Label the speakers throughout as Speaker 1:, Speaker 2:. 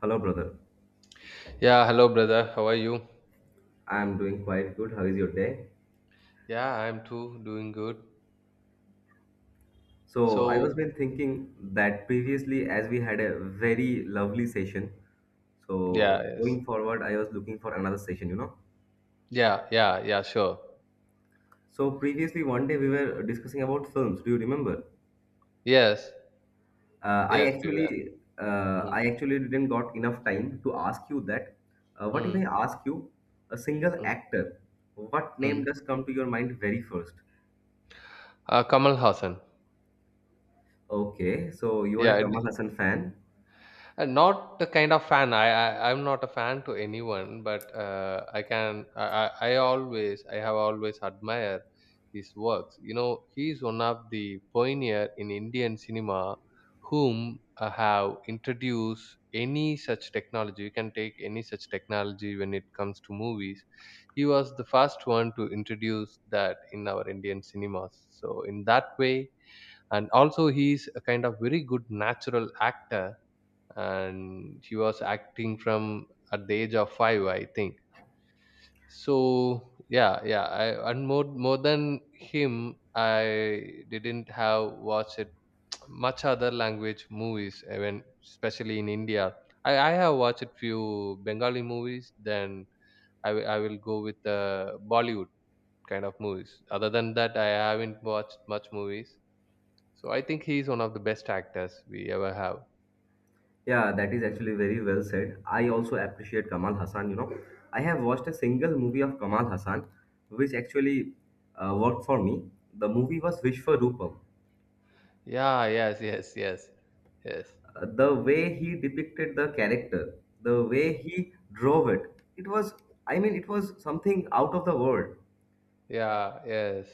Speaker 1: Hello, brother.
Speaker 2: Yeah, hello brother. How are you?
Speaker 1: I'm doing quite good. How is your day?
Speaker 2: Yeah, I'm too doing good.
Speaker 1: So, I
Speaker 2: So.
Speaker 1: was been thinking that
Speaker 2: Mm.
Speaker 1: previously, as we had a very lovely session,
Speaker 2: Yeah,
Speaker 1: so
Speaker 2: yes.
Speaker 1: going forward, I was looking for another session.
Speaker 2: Yeah, yeah, yeah, sure.
Speaker 1: So, previously, one day we were discussing about films. Do you remember?
Speaker 2: Yes,
Speaker 1: Uh, I
Speaker 2: yes, we were.
Speaker 1: actually, uh,
Speaker 2: Mm.
Speaker 1: I actually didn't got enough time to ask you that. What if
Speaker 2: Mm.
Speaker 1: I ask you a single
Speaker 2: Mm.
Speaker 1: actor? What name
Speaker 2: Mm.
Speaker 1: does come to your mind very first?
Speaker 2: Kamal Hassan.
Speaker 1: Okay, so you are a
Speaker 2: Yeah,
Speaker 1: Kamal Hassan fan.
Speaker 2: Not the kind of fan. I'm not a fan to anyone, but I can. I have always admired his works. You know, he is one of the pioneer in Indian cinema whom have introduced any such technology. You can take any such technology when it comes to movies. He was the first one to introduce that in our Indian cinemas. So in that way, and also he is a kind of very good natural actor, and she was acting from at the age of 5, I think. So yeah, yeah, and more than him I didn't have watched it much other language movies, even especially in India. I have watched few Bengali movies. Then I will go with the Bollywood kind of movies. Other than that, I haven't watched much movies. So I think he is one of the best actors we ever have.
Speaker 1: Yeah, that is actually very well said. I also appreciate Kamal Hassan. You know, I have watched a single movie of Kamal Hassan, which actually worked for me. The movie was Vishwarupam.
Speaker 2: Yeah, yes, yes, yes, yes.
Speaker 1: The way he depicted the character, the way he drove it, it was, I mean, it was something out of the world.
Speaker 2: Yeah, yes.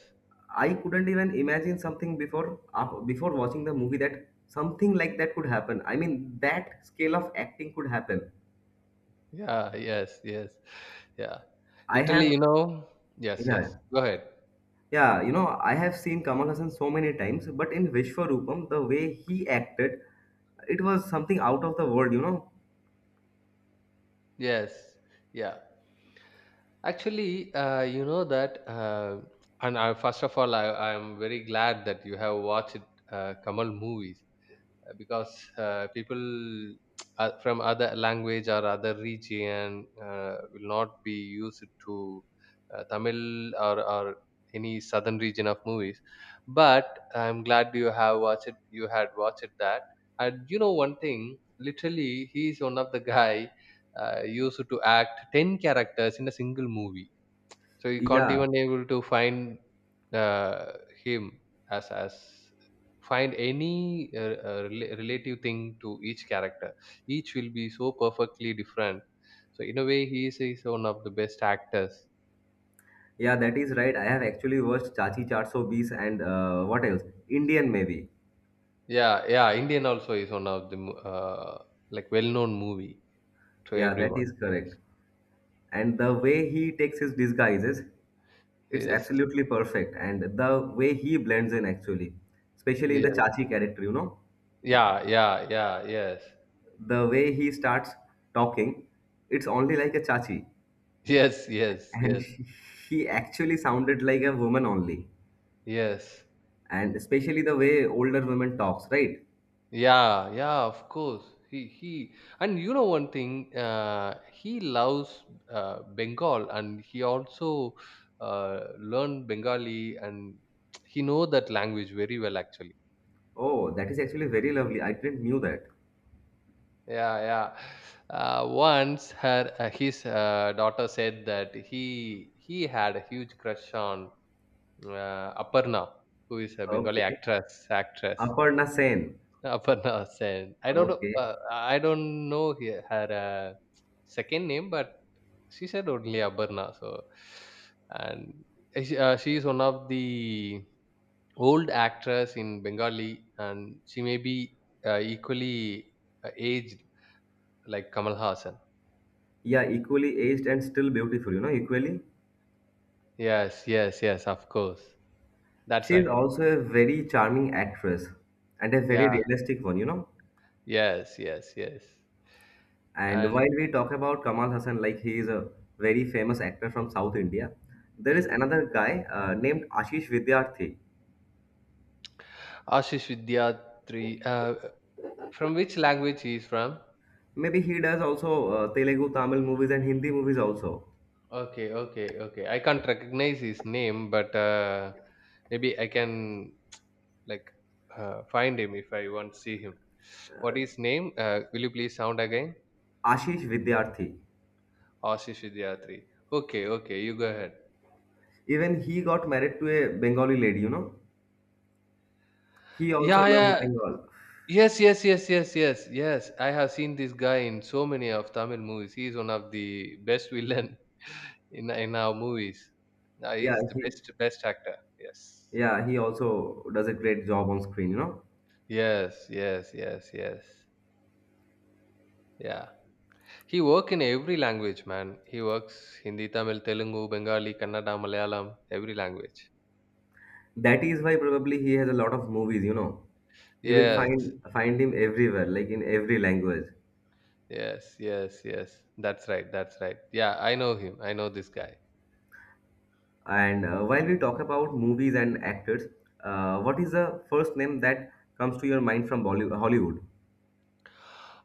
Speaker 1: I couldn't even imagine something before watching the movie that something like that could happen. I mean, that scale of acting could happen.
Speaker 2: Yeah, yes, yes. Yeah.
Speaker 1: I
Speaker 2: Literally,
Speaker 1: have,
Speaker 2: yes, yes.
Speaker 1: yeah.
Speaker 2: Go ahead.
Speaker 1: Yeah, you know, I have seen Kamal Hassan so many times, but in Vishwarupam, the way he acted, it was something out of the world.
Speaker 2: Yes, yeah. Actually, you know that. First of all, I'm very glad that you have watched Kamal movies. Because people from other language or other region will not be used to Tamil or any southern region of movies. But I'm glad you have watched it. You had watched that, and you know one thing. Literally, he is one of the guy used to act 10 characters in a single movie, so you can't
Speaker 1: Yeah,
Speaker 2: even able to find uh, him as find any uh, relative thing to each character. Each will be so perfectly different. So in a way, he is one of the best actors.
Speaker 1: yeah, that is right. I have actually watched Chachi 420 and what else? Indian maybe.
Speaker 2: Yeah, yeah. Indian also is one of the like well-known movie to
Speaker 1: Yeah, that
Speaker 2: everyone.
Speaker 1: is correct.
Speaker 2: Yes,
Speaker 1: And the way he takes his disguises, it's
Speaker 2: yes,
Speaker 1: absolutely perfect. And the way he blends in actually, especially in the
Speaker 2: yes.
Speaker 1: Chachi character,
Speaker 2: Yeah, yeah, yeah. Yes,
Speaker 1: the way he starts talking, it's only like a Chachi,
Speaker 2: yes, yes,
Speaker 1: and
Speaker 2: yes,
Speaker 1: he actually sounded like a woman only,
Speaker 2: yes.
Speaker 1: and especially the way older women talks, right?
Speaker 2: Yeah, yeah, of course. He he, and you know one thing, he loves Bengal, and he also learned Bengali, and he know that language very well actually.
Speaker 1: Oh, that is actually very lovely. I didn't knew that.
Speaker 2: Yeah, yeah. Once her his daughter said that he had a huge crush on Aparna, who is a Bengali
Speaker 1: Okay.
Speaker 2: actress
Speaker 1: Aparna Sen.
Speaker 2: Aparna Sen. I don't know.
Speaker 1: Okay.
Speaker 2: I don't know her second name, but she said only Aparna. So, and she is one of the old actress in Bengali, and she may be equally aged like Kamal Hassan.
Speaker 1: Yeah, equally aged and still beautiful, equally.
Speaker 2: Yes, yes, yes. Of course, that's
Speaker 1: She is
Speaker 2: right.
Speaker 1: also a very charming actress and a very
Speaker 2: Yeah.
Speaker 1: realistic one.
Speaker 2: Yes, yes, yes.
Speaker 1: And
Speaker 2: And
Speaker 1: while we talk about Kamal Hassan, like he is a very famous actor from South India, there is
Speaker 2: mm.
Speaker 1: another guy named Ashish Vidyarthi.
Speaker 2: Ashish Vidyatri. From which language he is from?
Speaker 1: Maybe he does also Telugu, Tamil movies and Hindi movies also.
Speaker 2: Okay, okay, okay. I can't recognize his name, but maybe I can, like, find him if I want to see him. What is name? Will you please sound again?
Speaker 1: Ashish Vidyarthi.
Speaker 2: Ashish Vidyatri. Okay, okay. You go ahead.
Speaker 1: Even he got married to a Bengali lady. He also
Speaker 2: Yeah,
Speaker 1: loves
Speaker 2: yeah.
Speaker 1: Bengal.
Speaker 2: Yes, yes, yes, yes, yes, yes. I have seen this guy in so many of Tamil movies. He is one of the best villain in our movies.
Speaker 1: Yeah,
Speaker 2: He's the
Speaker 1: he
Speaker 2: best actor. Yes.
Speaker 1: yeah, he also does a great job on screen.
Speaker 2: Yes, yes, yes, yes. Yeah. He work in every language, man. He works Hindi, Tamil, Telugu, Bengali, Kannada, Malayalam, every language.
Speaker 1: That is why probably he has a lot of movies, you know. You will
Speaker 2: Yes,
Speaker 1: find him everywhere, like in every language.
Speaker 2: yes, yes, yes. That's right. That's right. Yeah, I know him. I know this guy.
Speaker 1: And while we talk about movies and actors, what is the first name that comes to your mind from Bollywood, Hollywood?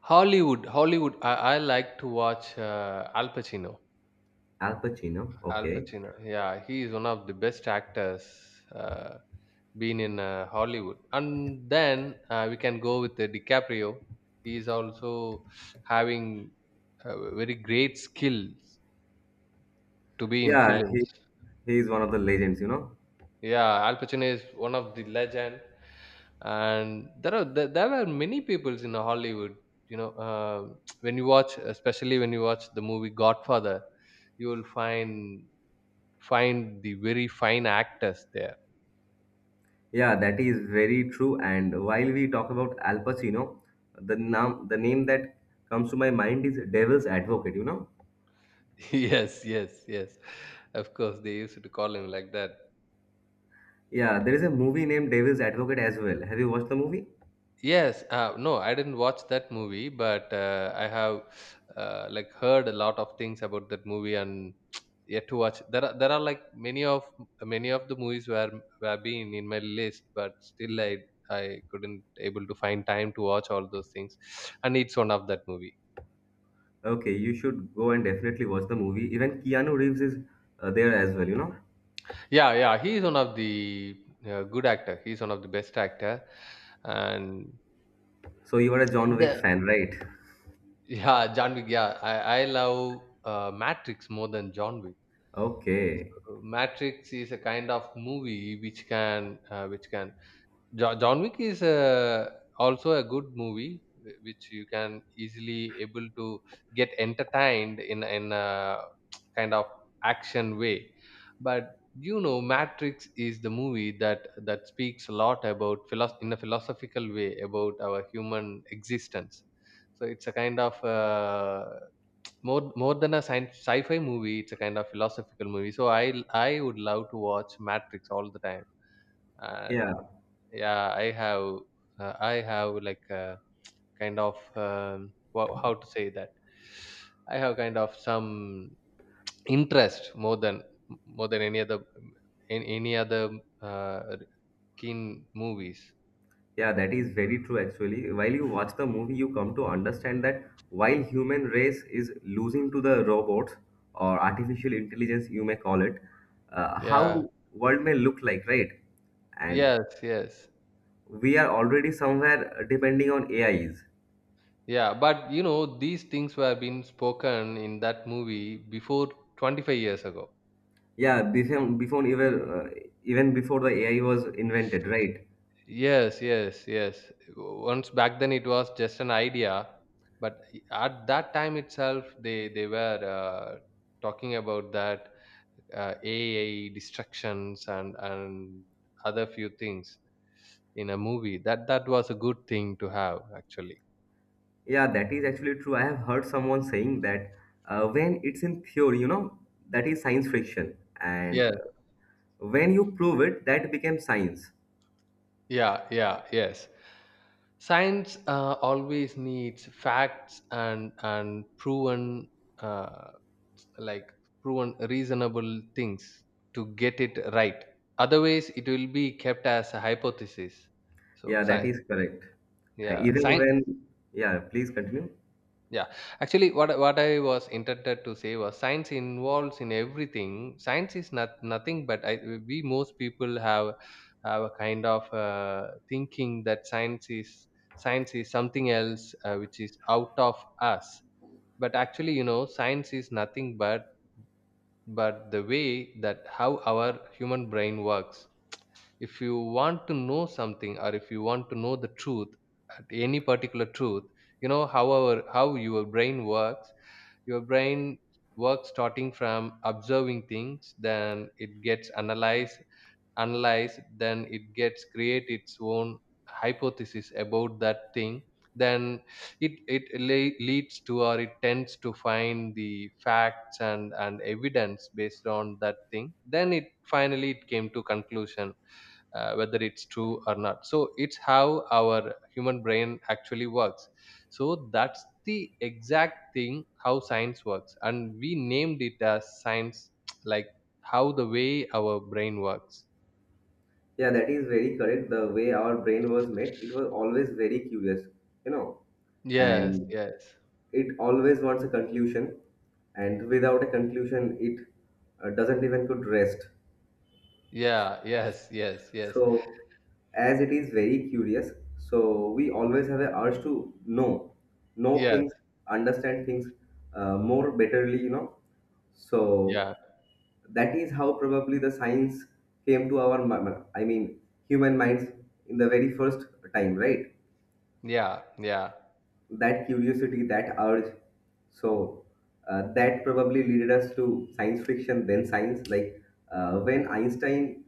Speaker 2: Hollywood, Hollywood. I like to watch Al Pacino.
Speaker 1: Al Pacino.
Speaker 2: Al
Speaker 1: Okay.
Speaker 2: Pacino. Yeah, he is one of the best actors uh, been in Hollywood. And then we can go with DiCaprio. He is also having very great skills to be in
Speaker 1: Yeah, he
Speaker 2: films.
Speaker 1: he is one of the legends.
Speaker 2: Yeah, Al Pacino is one of the legend, and there are many peoples in Hollywood. You know, when you watch, especially when you watch the movie Godfather, you will find the very fine actors there.
Speaker 1: Yeah, that is very true. And while we talk about Al Pacino, the name that comes to my mind is Devil's Advocate.
Speaker 2: Yes, yes, yes. Of course, they used to call him like that.
Speaker 1: Yeah, there is a movie named Devil's Advocate as well. Have you watched the movie?
Speaker 2: Yes, no, I didn't watch that movie, but I have, like, heard a lot of things about that movie and yet to watch. There are, like, many of the movies were been in my list, but still I couldn't able to find time to watch all those things, and it's one of that movie.
Speaker 1: Okay, you should go and definitely watch the movie. Even Keanu Reeves is there as well.
Speaker 2: Yeah, yeah, he is one of the good actor. He's one of the best actor, and
Speaker 1: So you are a John
Speaker 2: The
Speaker 1: Wick fan, right?
Speaker 2: yeah, John Wick. Yeah, I love Matrix more than John Wick.
Speaker 1: Okay.
Speaker 2: Matrix is a kind of movie which can John Wick is also a good movie, which you can easily able to get entertained in a kind of action way. But you know, Matrix is the movie that speaks a lot about in a philosophical way about our human existence. So it's a kind of more than a sci-fi movie. It's a kind of philosophical movie. So I would love to watch Matrix all the time.
Speaker 1: Yeah.
Speaker 2: Yeah, I have, like, a kind of how to say that, I have kind of some interest more than any other, in any other uh, keen movies.
Speaker 1: Yeah, that is very true actually. While you watch the movie, you come to understand that while human race is losing to the robots or artificial intelligence, you may call it,
Speaker 2: Yeah,
Speaker 1: how world may look like, right? And
Speaker 2: yes, yes.
Speaker 1: we are already somewhere depending on AIs.
Speaker 2: Yeah, but you know these things were being spoken in that movie before 25 years ago.
Speaker 1: Yeah, before, before even even before the AI was invented, right?
Speaker 2: Yes, yes, yes. Once back then it was just an idea, but at that time itself, they were talking about that AI destructions and other few things in a movie. That was a good thing to have actually.
Speaker 1: Yeah, that is actually true. I have heard someone saying that when it's in theory, that is science fiction, and
Speaker 2: Yes,
Speaker 1: when you prove it, that became science.
Speaker 2: yeah, yeah, yes. Science always needs facts and uh, like proven reasonable things to get it right. Otherwise, it will be kept as a hypothesis. So
Speaker 1: Yeah, that is correct. And even
Speaker 2: science.
Speaker 1: when, yeah, please continue.
Speaker 2: Yeah, actually, what I was intended to say was science involves in everything. Science is not nothing, but we most people have a kind of thinking that science is something else, which is out of us. But actually, you know, science is nothing but the way that how our human brain works. If you want to know something, or if you want to know the truth, any particular truth, you know how your brain works. your brain Starting from observing things, then it gets analyzed, then it gets create its own hypothesis about that thing. Then it leads to, or it tends to find the facts and evidence based on that thing, then it finally it came to conclusion, whether it's true or not. So it's how our human brain actually works. So that's the exact thing how science works, and we named it as science. Like, how the way our brain works.
Speaker 1: Yeah, that is very correct. The way our brain was made, it was always very curious, you know,
Speaker 2: Yes,
Speaker 1: and
Speaker 2: yes,
Speaker 1: it always wants a conclusion. And without a conclusion, it doesn't even could rest.
Speaker 2: yeah, yes, yes, yes,
Speaker 1: So, as it is very curious, so we always have a urge to know
Speaker 2: yes,
Speaker 1: things, understand things more betterly. So
Speaker 2: yeah,
Speaker 1: that is how probably the science came to I mean, human minds in the very first time, right?
Speaker 2: yeah, yeah,
Speaker 1: That curiosity, that urge. So that probably leaded us to science fiction, then science. Like when Einstein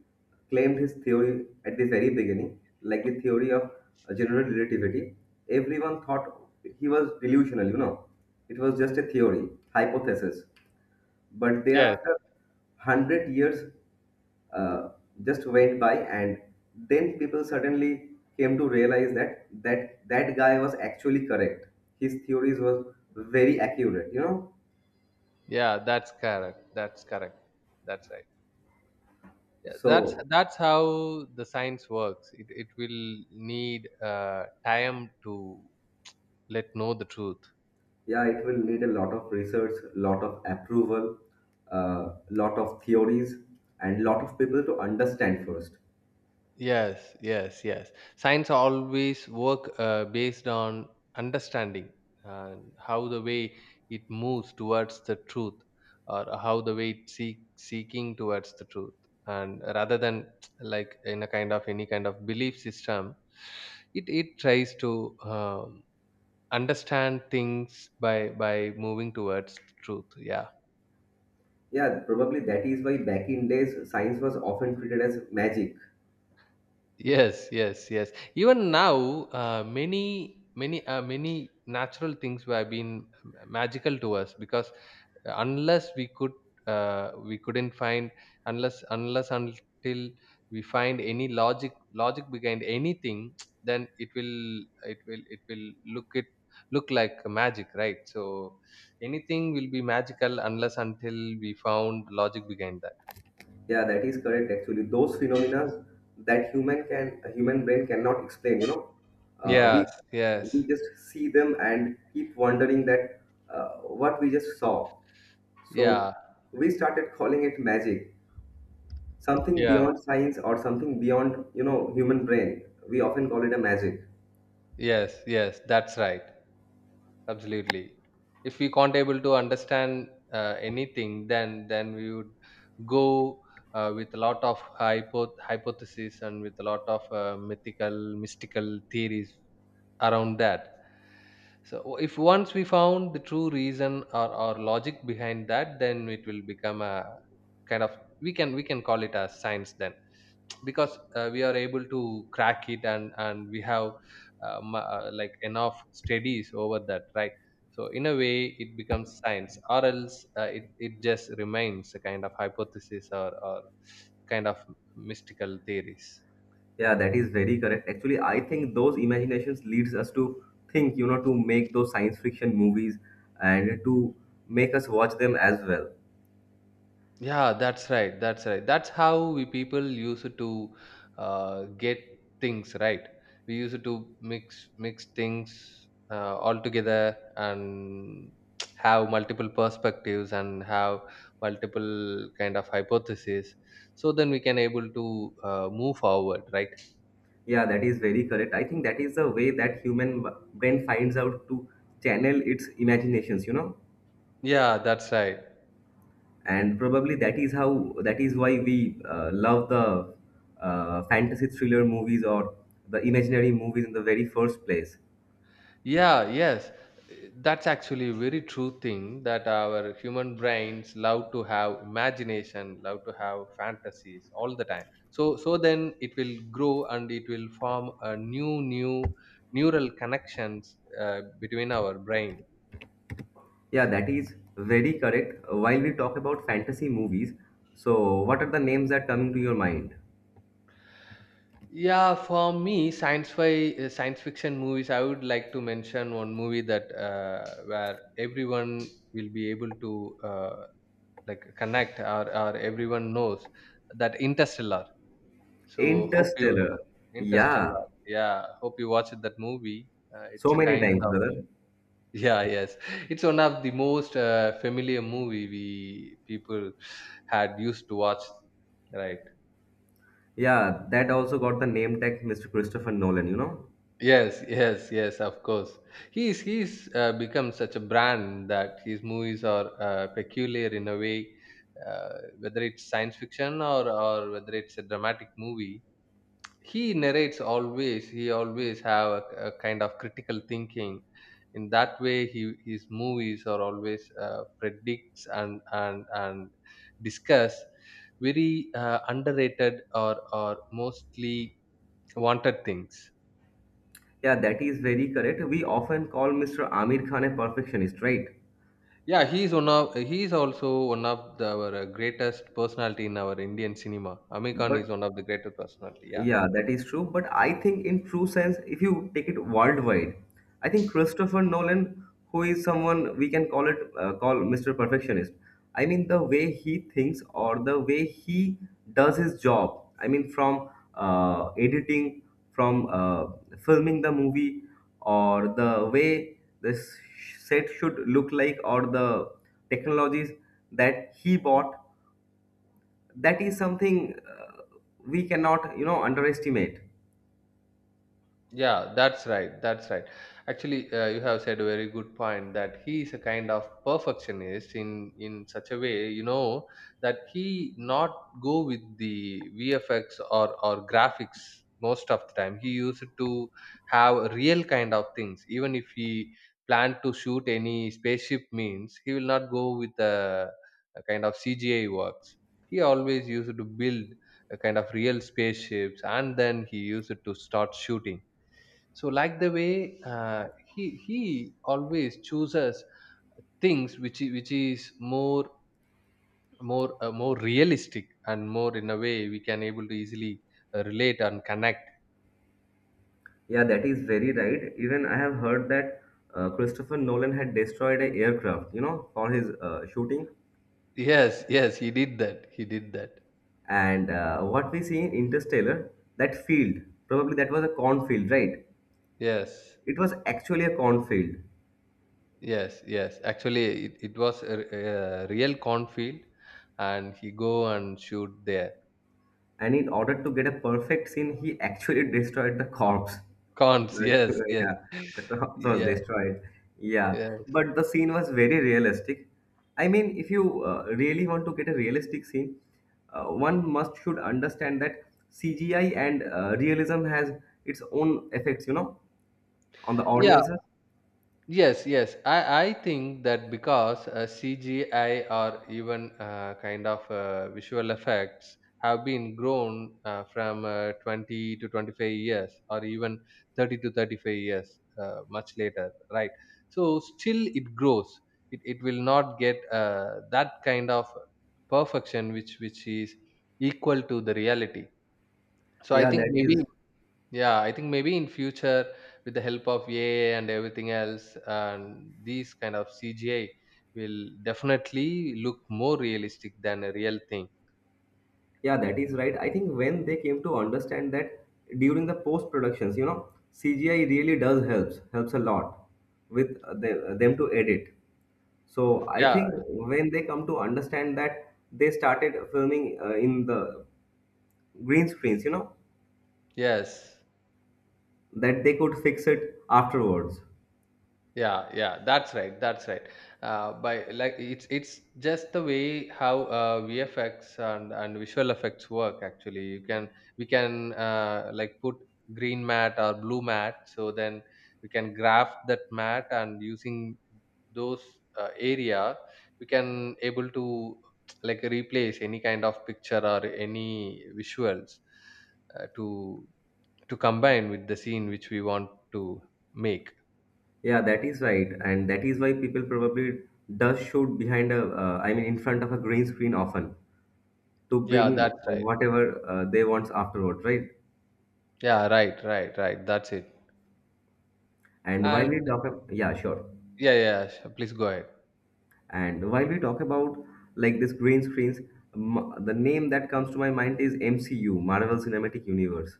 Speaker 1: claimed his theory at the very beginning, like the theory of general relativity, everyone thought he was delusional. You know, it was just a theory, hypothesis. But
Speaker 2: yes,
Speaker 1: thereafter, 100 years uh, just went by, and then people suddenly came to realize that that guy was actually correct. His theories was very accurate.
Speaker 2: yeah, that's correct. That's correct. That's right. Yeah, that's
Speaker 1: So
Speaker 2: that's how the science works. It will need time to let know the truth.
Speaker 1: yeah, it will need a lot of research, lot of approval, lot of theories, and lot of people to understand first.
Speaker 2: Yes, yes, yes. Science always work based on understanding and how the way it moves towards the truth, or how the way seeking towards the truth, and rather than like in a kind of any kind of belief system, it tries to understand things by moving towards truth. Yeah.
Speaker 1: Yeah, probably that is why back in days, science was often treated as magic.
Speaker 2: Yes, yes, yes. Even now, many, many, many natural things have been magical to us, because unless we could, we couldn't find, unless unless until we find any logic behind anything, then it will look like magic, right? So anything will be magical unless until we found logic behind that.
Speaker 1: Yeah, that is correct. Actually, those phenomena that human can a human brain cannot explain. You know, uh, we
Speaker 2: Yes, yes,
Speaker 1: we just see them and keep wondering that uh, what we just saw. So
Speaker 2: yeah,
Speaker 1: we started calling it magic, something
Speaker 2: yeah.
Speaker 1: beyond science or something beyond human brain. We often call it a magic.
Speaker 2: Yes, yes, that's right. Absolutely. If we can't able to understand anything, then we would go with a lot of hypothesis, and with a lot of mythical, mystical theories around that. So if once we found the true reason or logic behind that, then it will become a kind of, we can, call it as science then, because we are able to crack it, and we have like enough studies over that, right. So in a way it becomes science, or else it just remains a kind of hypothesis, or kind of mystical theories.
Speaker 1: Yeah, that is very correct. Actually, I think those imaginations leads us to think, to make those science fiction movies and to make us watch them as well.
Speaker 2: Yeah, that's right. That's right. That's how we people used to get things right. We used to mix things all together, and have multiple perspectives and have multiple kind of hypotheses. So then we can able to move forward, right?
Speaker 1: Yeah, that is very correct. I think that is the way that human brain finds out to channel its imaginations,
Speaker 2: Yeah, that's right.
Speaker 1: and probably that is why we love the fantasy thriller movies or the imaginary movies in the very first place.
Speaker 2: Yeah, yes. That's actually a very true thing that our human brains love to have imagination, love to have fantasies all the time. So then it will grow and it will form a new neural connections between our brain.
Speaker 1: Yeah, that is very correct. While we talk about fantasy movies, so what are the names that coming to your mind?
Speaker 2: Yeah, for me, science fiction movies. I would like to mention one movie that where everyone will be able to uh, like connect or everyone knows that Interstellar. So hope you
Speaker 1: Interstellar.
Speaker 2: Interstellar.
Speaker 1: Yeah,
Speaker 2: Yeah, hope you watched that movie.
Speaker 1: so
Speaker 2: It's a
Speaker 1: many
Speaker 2: kind
Speaker 1: times,
Speaker 2: of
Speaker 1: brother.
Speaker 2: yeah, yes. It's one of the most familiar movie we people had used to watch, right?
Speaker 1: Yeah, that also got the name tag, Mr. Christopher Nolan.
Speaker 2: Yes, yes, yes. Of course, he's become such a brand that his movies are peculiar in a way, uh, whether it's science fiction or whether it's a dramatic movie. He always have a kind of critical thinking in that way his movies are always predicts and discuss very underrated or mostly wanted things.
Speaker 1: Yeah, that is very correct. We often call Mr. Amir Khan a perfectionist, right?
Speaker 2: Yeah, he is also one of our greatest personality in our Indian cinema. Amir Khan is
Speaker 1: But
Speaker 2: one of the greatest personality, yeah.
Speaker 1: yeah, that is true. But I think, in true sense, if you take it worldwide, I think Christopher Nolan, who is someone we can call Mr. Perfectionist. I mean, the way he thinks or the way he does his job. I mean, from editing, from filming the movie, or the way this set should look like, or the technologies that he bought. That is something we cannot, underestimate.
Speaker 2: Yeah, that's right. That's right. Actually, you have said a very good point that he is a kind of perfectionist in such a way, you know, that he not go with the VFX or graphics most of the time. He used to have real kind of things. Even if he planned to shoot any spaceship means, he will not go with a kind of CGI works. He always used to build a kind of real spaceships and then he used to start shooting. So like the way he always chooses things which is more realistic and more in a way we can able to easily relate and connect.
Speaker 1: Yeah, that is very right. Even I have heard that Christopher Nolan had destroyed an aircraft, for his shooting.
Speaker 2: Yes, yes, he did that.
Speaker 1: And what we see in Interstellar, that field, probably that was a cornfield, right?
Speaker 2: Yes,
Speaker 1: It was actually a cornfield.
Speaker 2: yes, yes. Actually it was a real cornfield and he go and shoot there.
Speaker 1: And in order to get a perfect scene, he actually destroyed the corpse.
Speaker 2: Corns. Yes, yes.
Speaker 1: Yeah, the corpse was
Speaker 2: Yeah,
Speaker 1: destroyed. Yeah,
Speaker 2: yeah.
Speaker 1: but the scene was very realistic. I mean, if you really want to get a realistic scene, one must should understand that CGI and realism has its own effects, on the
Speaker 2: Yeah,
Speaker 1: audiences.
Speaker 2: yes, yes. I think that because CGI or even visual effects have been grown from 20 to 25 years or even 30 to 35 years much later, right? So still it grows. It will not get that kind of perfection which is equal to the reality. So I
Speaker 1: Yeah,
Speaker 2: think
Speaker 1: that
Speaker 2: maybe,
Speaker 1: is
Speaker 2: yeah, I think maybe in future with the help of AI and everything else, and these kind of CGI will definitely look more realistic than a real thing.
Speaker 1: Yeah, that is right. I think when they came to understand that during the post productions, CGI really does helps a lot with them to edit. So I
Speaker 2: Yeah,
Speaker 1: think when they come to understand that, they started filming in the green screens. You know
Speaker 2: yes.
Speaker 1: that they could fix it afterwards.
Speaker 2: Yeah, yeah, that's right, that's right. By like it's just the way how VFX and visual effects work. Actually, you can we can like put green mat or blue mat, so then we can graph that mat and using those area we can able to like replace any kind of picture or any visuals uh, to to combine with the scene which we want to make.
Speaker 1: Yeah, that is right, and that is why people probably does shoot I mean, in front of a green screen often to
Speaker 2: Yeah,
Speaker 1: bring
Speaker 2: that's right.
Speaker 1: whatever they want afterwards, right?
Speaker 2: Yeah, right, right, right. That's it.
Speaker 1: And while we
Speaker 2: And
Speaker 1: talk, yeah, sure.
Speaker 2: yeah, yeah, please go ahead.
Speaker 1: And while we talk about like this green screens, the name that comes to my mind is MCU, Marvel Cinematic Universe.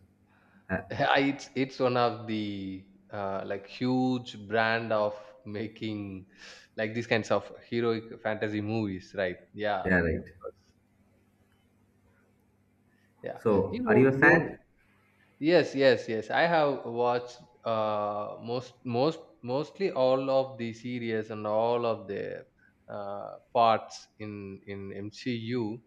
Speaker 1: Uh,
Speaker 2: it's one of the like huge brand of making like these kinds of heroic fantasy movies, right? Yeah,
Speaker 1: yeah, right.
Speaker 2: yeah. You
Speaker 1: So, are you a
Speaker 2: know those.
Speaker 1: fan?
Speaker 2: Yes, yes, yes. I have watched mostly all of the series and all of the parts in MCU.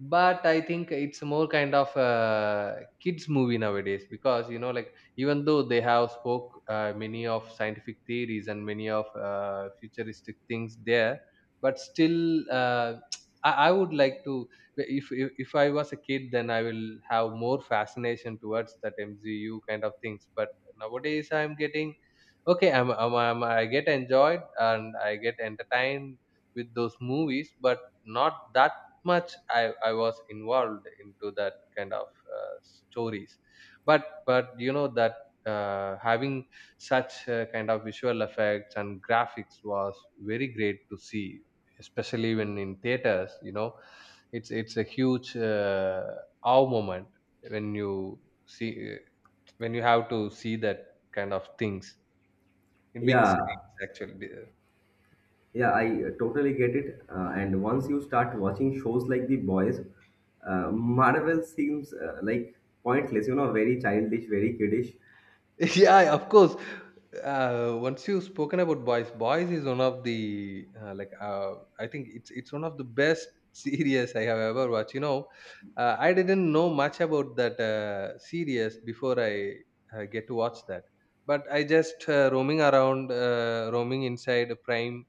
Speaker 2: But I think it's more kind of a kids movie nowadays because you know, like even though they have spoke many of scientific theories and many of futuristic things there, but still, I would like to, if I was a kid then I will have more fascination towards that MCU kind of things. But nowadays I'm getting, okay I'm I get enjoyed and I get entertained with those movies but not that much. I was involved into that kind of stories. But you know that having such kind of visual effects and graphics was very great to see, especially when in theaters, you know, it's a huge awe moment when you see when you have to see that kind of things in big
Speaker 1: Yeah,
Speaker 2: screens actually.
Speaker 1: yeah, I totally get it. And once you start watching shows like The Boys, Marvel seems like pointless, very childish, very kiddish.
Speaker 2: Yeah, of course. Once you've spoken about boys, boys is one of the I think it's one of the best series I have ever watched, you know. I didn't know much about that series before I get to watch that. But I just roaming inside Prime,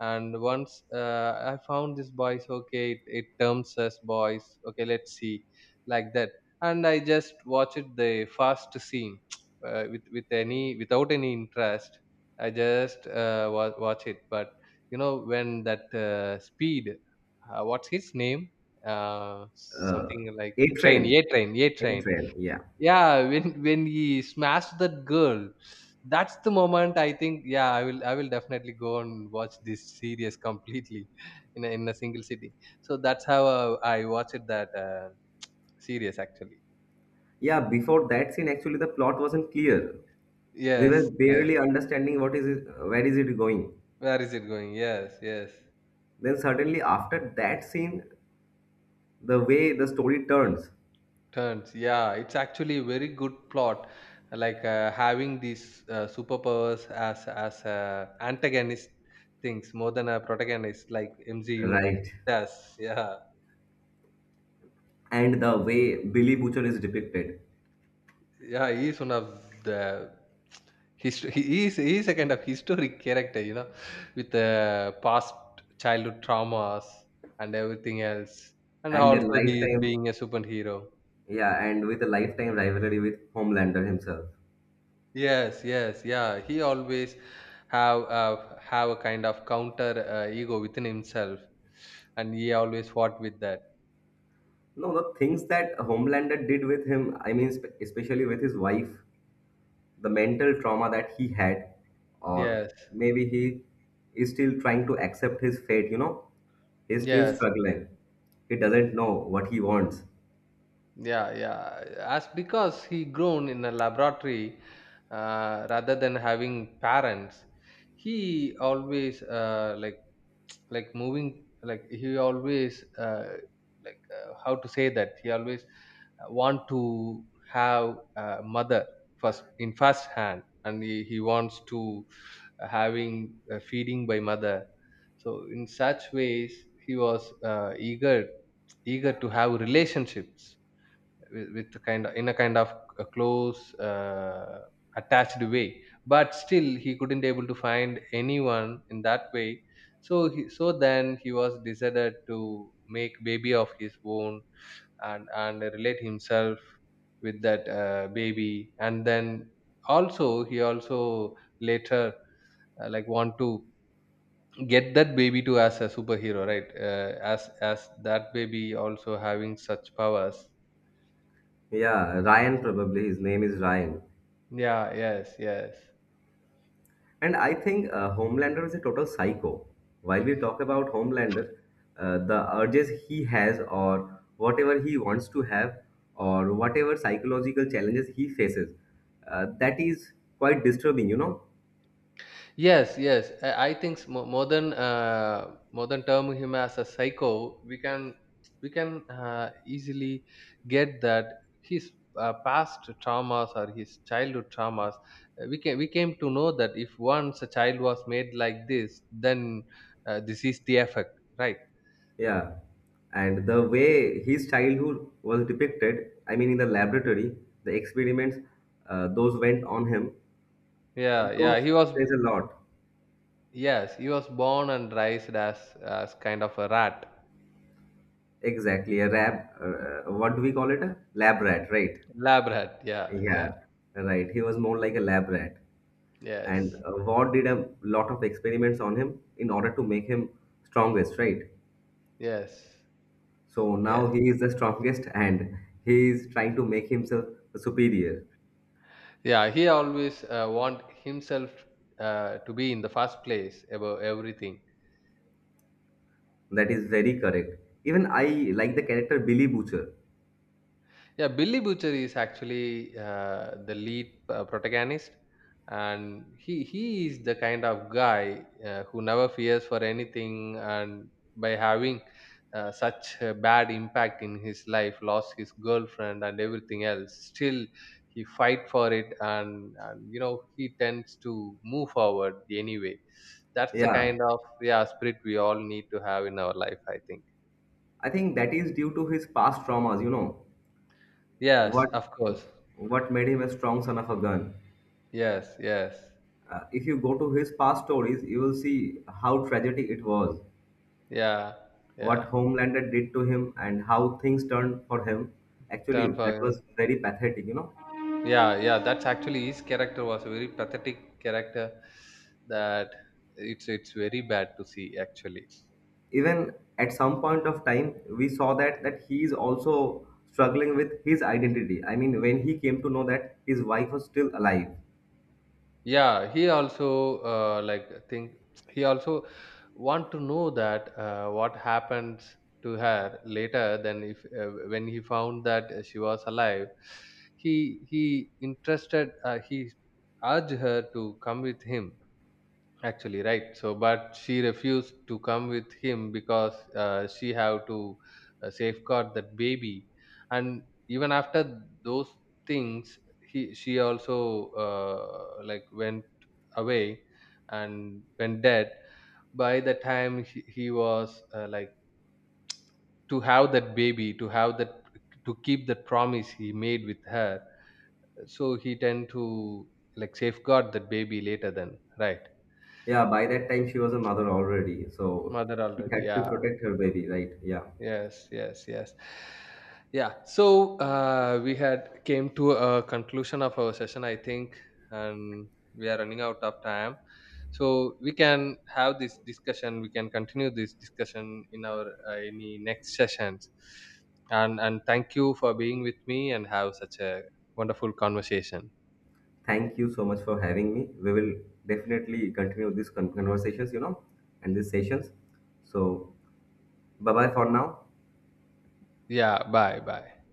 Speaker 2: and once I found this Boys. Okay, it terms us Boys, okay, let's see, like that. And I just watched the first scene without any interest. I just watch it. But you know when that speed, what's his name, uh,
Speaker 1: Uh,
Speaker 2: something like
Speaker 1: A
Speaker 2: Train.
Speaker 1: Train,
Speaker 2: Yeah, Train, yeah,
Speaker 1: A
Speaker 2: Train.
Speaker 1: Train, yeah.
Speaker 2: Yeah, when he smashed that girl, that's the moment. I think yeah, I will definitely go and watch this series completely in a single sitting. So that's how I watched that series actually.
Speaker 1: Yeah, before that scene, actually, the plot wasn't clear. We were
Speaker 2: Yes, yes.
Speaker 1: barely understanding what is it, where is it going.
Speaker 2: Where is it going? Yes, yes.
Speaker 1: Then suddenly after that scene, the way the story turns,
Speaker 2: Turns, yeah, it's actually a very good plot, like having these superpowers as antagonist things more than a protagonist, like MCU
Speaker 1: right,
Speaker 2: does. Yeah,
Speaker 1: and the way Billy Butcher is depicted,
Speaker 2: yeah. He is one of the hist- he is he is a kind of historic character, you know, with past childhood traumas and everything else, and
Speaker 1: and a
Speaker 2: also he is
Speaker 1: lifetime,
Speaker 2: being a superhero.
Speaker 1: yeah, and with a lifetime rivalry with Homelander himself.
Speaker 2: Yes, yes, yeah. He always have a kind of counter ego within himself, and he always fought with that.
Speaker 1: No, the things that Homelander did with him, I mean, especially with his wife, the mental trauma that he had or
Speaker 2: Yes,
Speaker 1: maybe he is still trying to accept his fate. He's still
Speaker 2: yes,
Speaker 1: struggling. He doesn't know what he wants.
Speaker 2: yeah, yeah. As because he grown in a laboratory rather than having parents, he always like moving like he always like how to say that he always want to have a mother first in first hand, and he wants to having feeding by mother. So in such ways he was eager to have relationships with kind of in a kind of a close attached way, but still he couldn't able to find anyone in that way. So so then he was decided to make baby of his own, and relate himself with that baby. And then also he also later want to get that baby to as a superhero, right, as that baby also having such powers.
Speaker 1: Yeah, Ryan, probably his name is Ryan.
Speaker 2: Yeah, yes, yes.
Speaker 1: And I think Homelander is a total psycho. While we talk about Homelander, the urges he has or whatever he wants to have or whatever psychological challenges he faces, that is quite disturbing.
Speaker 2: Yes, yes. I think more than term him as a psycho. We can easily get that his past traumas or his childhood traumas. We came to know that if once a child was made like this, then this is the effect, right?
Speaker 1: Yeah, and the way his childhood was depicted, I mean, in the laboratory, the experiments those went on him,
Speaker 2: Yeah, yeah.
Speaker 1: those
Speaker 2: He was
Speaker 1: says a lot.
Speaker 2: yes, he was born and raised as kind of a rat,
Speaker 1: Exactly, a lab. What do we call it? A lab rat, right?
Speaker 2: lab rat. Yeah, yeah.
Speaker 1: Yeah, right. He was more like a lab rat, and
Speaker 2: Yes,
Speaker 1: Ward did a lot of experiments on him in order to make him strongest, right?
Speaker 2: yes.
Speaker 1: So now
Speaker 2: Yes.
Speaker 1: he is the strongest, and he is trying to make himself superior.
Speaker 2: Yeah, he always want himself to be in the first place above everything.
Speaker 1: That is very correct. Even I like the character Billy Butcher.
Speaker 2: Yeah, Billy Butcher is actually the lead protagonist, and he is the kind of guy who never fears for anything. And by having such a bad impact in his life, lost his girlfriend and everything else, still he fight for it, and you know he tends to move forward anyway. That's the
Speaker 1: Yeah,
Speaker 2: kind of yeah spirit we all need to have in our life, I think.
Speaker 1: I think that is due to his past traumas,
Speaker 2: Yes,
Speaker 1: what
Speaker 2: of course.
Speaker 1: what made him a strong son of a gun.
Speaker 2: Yes, yes.
Speaker 1: If you go to his past stories, you will see how tragedy it was,
Speaker 2: Yeah,
Speaker 1: what
Speaker 2: yeah.
Speaker 1: Homelander did to him, and how things turned for him.
Speaker 2: Turn
Speaker 1: Actually,
Speaker 2: for
Speaker 1: that
Speaker 2: him.
Speaker 1: was very pathetic.
Speaker 2: Yeah, yeah. That's actually his character was a very pathetic character. That it's very bad to see actually.
Speaker 1: Even at some point of time, we saw that he is also struggling with his identity. I mean, when he came to know that his wife was still alive.
Speaker 2: Yeah, he also like think he also want to know that what happens to her later. Then if when he found that she was alive, he interested he urged her to come with him actually, right. So but she refused to come with him because she have to safeguard that baby. And even after those things he she also went away and went dead by the time he was like to have that baby to have that to keep that promise he made with her. So he tend to like safeguard that baby later then, right.
Speaker 1: Yeah, by that time she was a mother already, so
Speaker 2: Mother
Speaker 1: she
Speaker 2: already,
Speaker 1: had to
Speaker 2: yeah.
Speaker 1: protect her baby, right? Yeah.
Speaker 2: Yes, yes, yes. Yeah, so we had came to a conclusion of our session, I think, and we are running out of time. So we can have this discussion, we can continue this discussion in our any next sessions. And thank you for being with me and have such a wonderful conversation.
Speaker 1: Thank you so much for having me. We will definitely continue these conversations, and these sessions. So, bye bye for now.
Speaker 2: Yeah, bye bye.